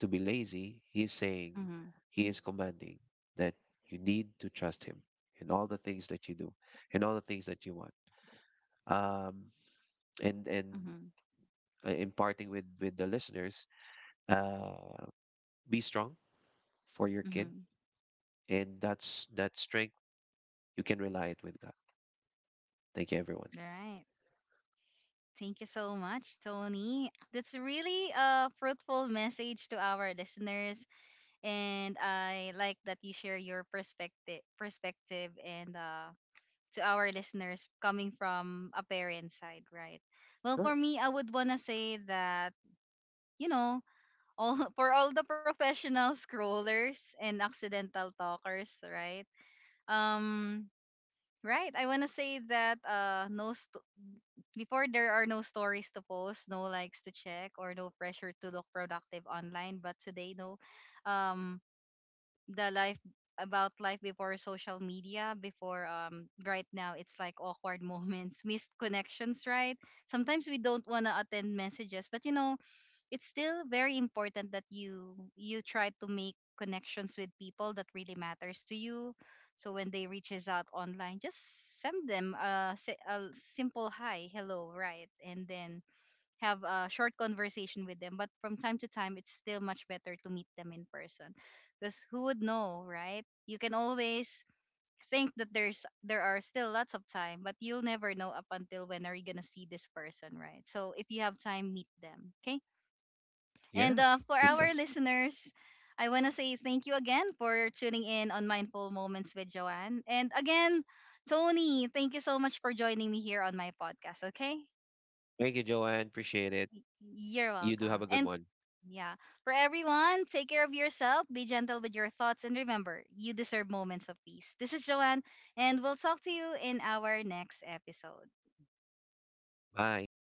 to be lazy. He's saying,
Mm-hmm.
He is commanding that you need to trust Him in all the things that you do, in all the things that you want. Um, and
Mm-hmm.
imparting with the listeners. Uh, be strong for your kid,
Mm-hmm.
and that's that strength you can rely it with God. Thank you, everyone.
Right. Thank you so much, Tony. That's really a fruitful message to our listeners, and I like that you share your perspective, perspective, and to our listeners coming from a parent side, right? Well,
Sure.
for me, I would want to say that, you know, all for all the professional scrollers and accidental talkers, right? Um right, I want to say that no st- before, there are no stories to post, no likes to check, or no pressure to look productive online. But today, no, um the life, about life before social media, before, right now it's like awkward moments, missed connections, right? Sometimes we don't want to attend messages, but you know, it's still very important that you try to make connections with people that really matters to you. So when they reaches out online, just send them a, a simple hi, hello, right? And then have a short conversation with them. But from time to time, it's still much better to meet them in person, because who would know, right? You can always think that there are still lots of time, but you'll never know up until when are you gonna see this person, right? So if you have time, meet them, okay? And
Yeah.
for
Good stuff.
our listeners. I want to say thank you again for tuning in on Mindful Moments with Joanne. And again, Tony, thank you so much for joining me here on my podcast, okay?
Thank you, Joanne. Appreciate it.
You're
You do have
welcome.
a good
And
one.
yeah, for everyone, take care of yourself, be gentle with your thoughts, and remember, you deserve moments of peace. This is Joanne, and we'll talk to you in our next episode.
Bye.